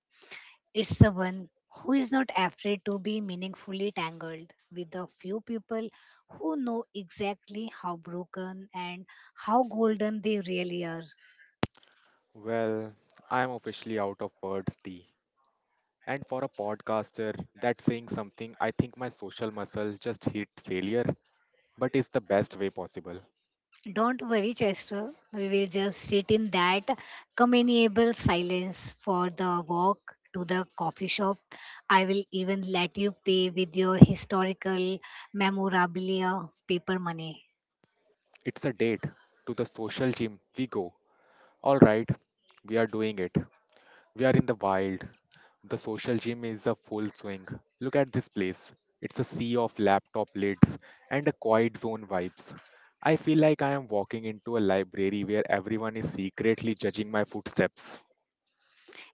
It's the one who is not afraid to be meaningfully tangled with the few people who know exactly how broken and how golden they really are. Well, I'm officially out of words, T. And for a podcaster, that's saying something. I think my social muscle just hit failure, but it's the best way possible. Don't worry, Chester. We will just sit in that companionable silence for the walk to the coffee shop. I will even let you pay with your historical memorabilia paper money. It's a date. To the social gym. We go. All right, we are doing it. We are in the wild. The social gym is a full swing. Look at this place. It's a sea of laptop lids and a quiet zone vibes. I feel like I am walking into a library where everyone is secretly judging my footsteps.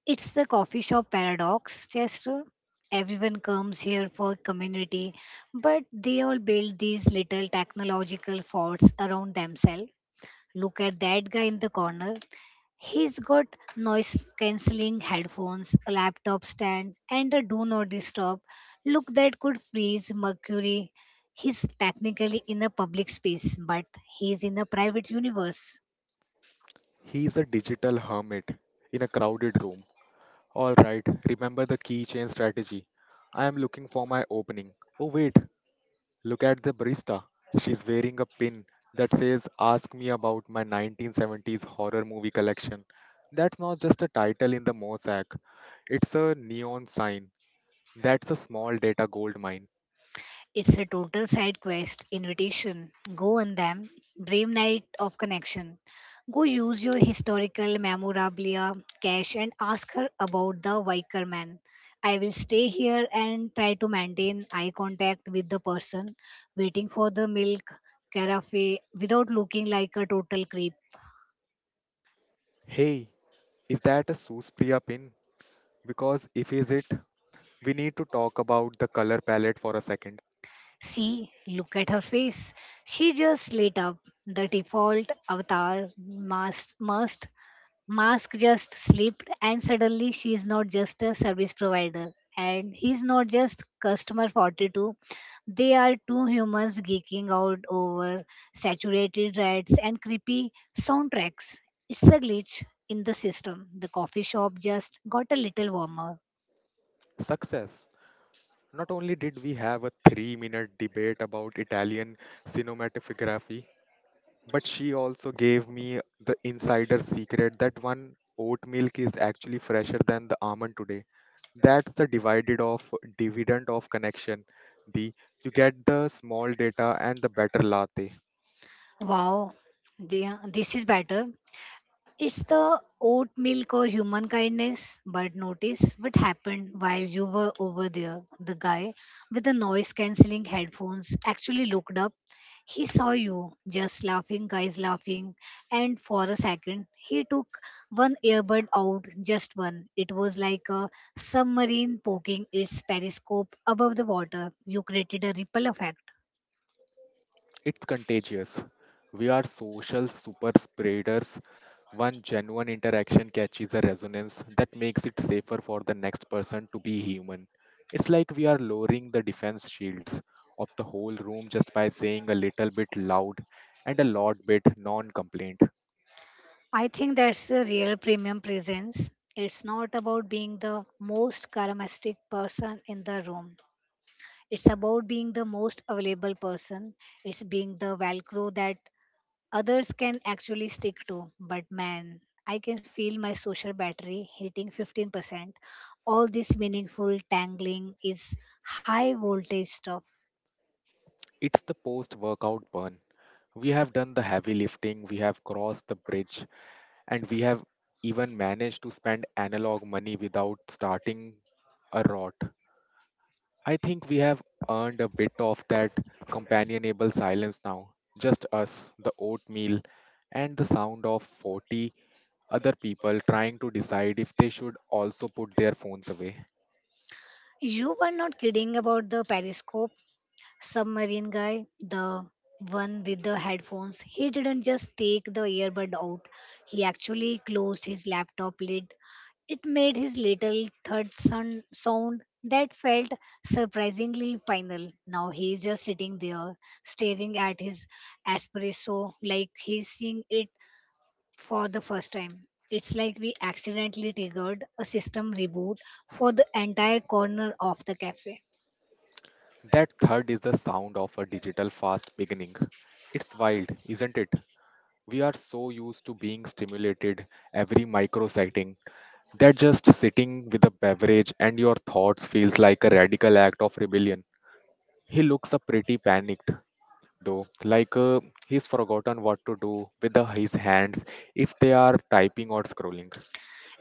It's the coffee shop paradox, Chester. Everyone comes here for community, but they all build these little technological forts around themselves. Look at that guy in the corner. He's got noise cancelling headphones, a laptop stand, and a do not disturb look that could freeze Mercury. He's technically in a public space, but he's in a private universe. He's a digital hermit in a crowded room. Alright, remember the keychain strategy. I am looking for my opening. Oh, wait, look at the barista. She's wearing a pin that says, "Ask me about my nineteen seventies horror movie collection." That's not just a title in the mosaic, it's a neon sign. That's a small data gold mine. It's a total side quest invitation. Go on them. Brave night of connection. Go use your historical memorabilia cache and ask her about the Viker man. I will stay here and try to maintain eye contact with the person waiting for the milk carafe without looking like a total creep. Hey, is that a Suspriya pin? Because if is it, we need to talk about the color palette for a second. See, look at her face. She just lit up. The default avatar must must Mask just slipped, and suddenly she is not just a service provider, and he's not just customer forty-two. They are two humans geeking out over saturated rats and creepy soundtracks. It's a glitch in the system. The coffee shop just got a little warmer. Success. Not only did we have a three minute debate about Italian cinematography, but she also gave me the insider secret that one oat milk is actually fresher than the almond today. That's the divided of dividend of connection. The You get the small data and the better latte. Wow, the- this is better. It's the oat milk or human kindness, but notice what happened while you were over there. The guy with the noise cancelling headphones actually looked up. He saw you just laughing, guys laughing, and for a second, he took one earbud out, just one. It was like a submarine poking its periscope above the water. You created a ripple effect. It's contagious. We are social super spreaders. One genuine interaction catches a resonance that makes it safer for the next person to be human. It's like we are lowering the defense shields of the whole room just by saying a little bit loud and a lot bit non complaint. I think that's a real premium presence. It's not about being the most charismatic person in the room. It's about being the most available person. It's being the Velcro that others can actually stick to. But man, I can feel my social battery hitting fifteen percent. All this meaningful tangling is high voltage stuff. It's the post workout burn. We have done the heavy lifting, we have crossed the bridge, and we have even managed to spend analog money without starting a rot. I think we have earned a bit of that companionable silence now. Just us, the oatmeal, and the sound of forty other people trying to decide if they should also put their phones away. You were not kidding about the periscope. Submarine guy, the one with the headphones, he didn't just take the earbud out. He actually closed his laptop lid. It made his little thud son- sound that felt surprisingly final. Now he's just sitting there, staring at his espresso like he's seeing it for the first time. It's like we accidentally triggered a system reboot for the entire corner of the cafe. That third is the sound of a digital fast beginning. It's wild, isn't it? We are so used to being stimulated every microsecond that just sitting with a beverage and your thoughts feels like a radical act of rebellion. He looks up pretty panicked, though. Like uh, he's forgotten what to do with the, his hands if they are typing or scrolling.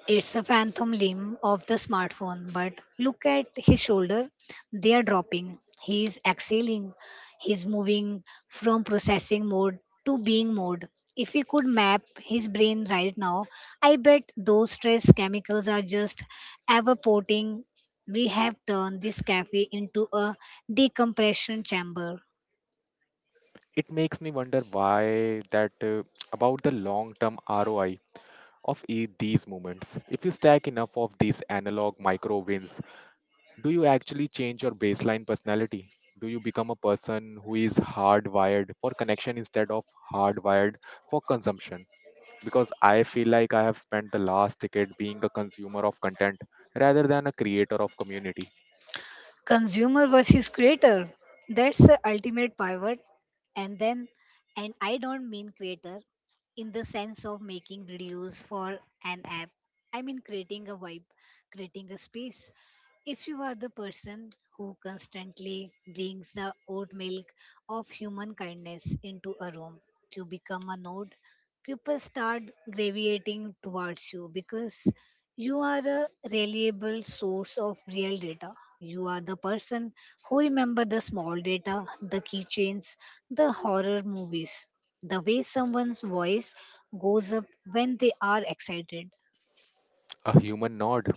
It's a phantom limb of the smartphone, but look at his shoulder. They are dropping. He is exhaling. He's moving from processing mode to being mode. If we could map his brain right now, I bet those stress chemicals are just evaporating. We have turned this cafe into a decompression chamber. It makes me wonder why that uh, about the long-term R O I of e- these movements. If you stack enough of these analog micro wins, do you actually change your baseline personality? Do you become a person who is hardwired for connection instead of hardwired for consumption? Because I feel like I have spent the last decade being a consumer of content rather than a creator of community. Consumer versus creator, that's the ultimate pivot. And then, and I don't mean creator in the sense of making videos for an app, I mean creating a vibe, creating a space. If you are the person who constantly brings the oat milk of human kindness into a room, you become a node. People start gravitating towards you because you are a reliable source of real data. You are the person who remember the small data, the keychains, the horror movies, the way someone's voice goes up when they are excited. A human nod.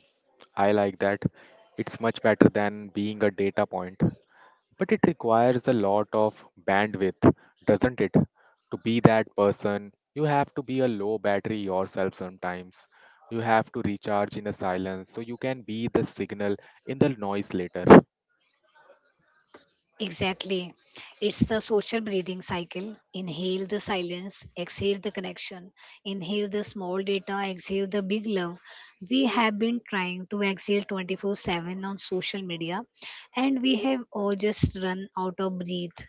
I like that. It's much better than being a data point. But it requires a lot of bandwidth, doesn't it? To be that person, you have to be a low battery yourself sometimes. You have to recharge in the silence so you can be the signal in the noise later. Exactly. It's the social breathing cycle. Inhale the silence, exhale the connection. Inhale the small data, exhale the big love. We have been trying to exhale twenty-four seven on social media, and we have all just run out of breath.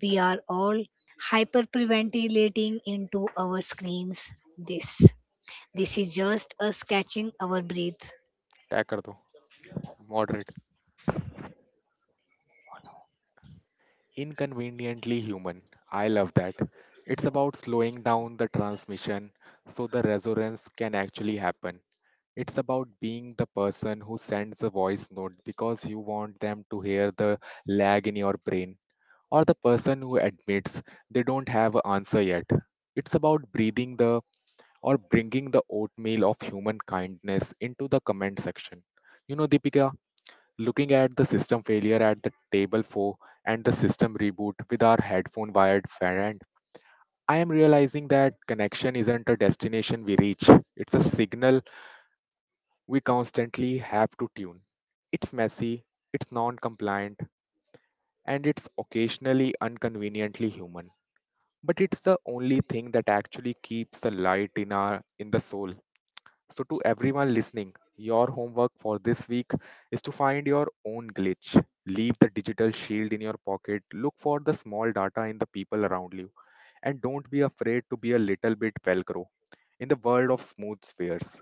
We are all hyperventilating into our screens. This. This is just us catching our breath. तय कर दो, Moderate. Inconveniently human. I love that. It's about slowing down the transmission so the resonance can actually happen. It's about being the person who sends a voice note because you want them to hear the lag in your brain, or the person who admits they don't have an answer yet. It's about breathing the or bringing the oatmeal of human kindness into the comment section. You know, Deepika, looking at the system failure at the table four and the system reboot with our headphone wired friend, I am realizing that connection isn't a destination we reach, it's a signal we constantly have to tune. It's messy, it's non compliant, and it's occasionally inconveniently human. But it's the only thing that actually keeps the light in our in the soul. So to everyone listening, your homework for this week is to find your own glitch. Leave the digital shield in your pocket. Look for the small data in the people around you. And don't be afraid to be a little bit velcro in the world of smooth spheres.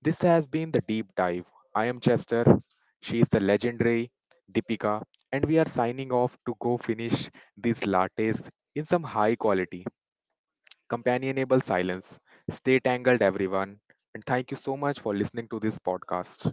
This has been the deep dive. I am Chester, she is the legendary Deepika, and we are signing off to go finish these lattes in some high quality, companionable silence. Stay tangled, everyone, and thank you so much for listening to this podcast.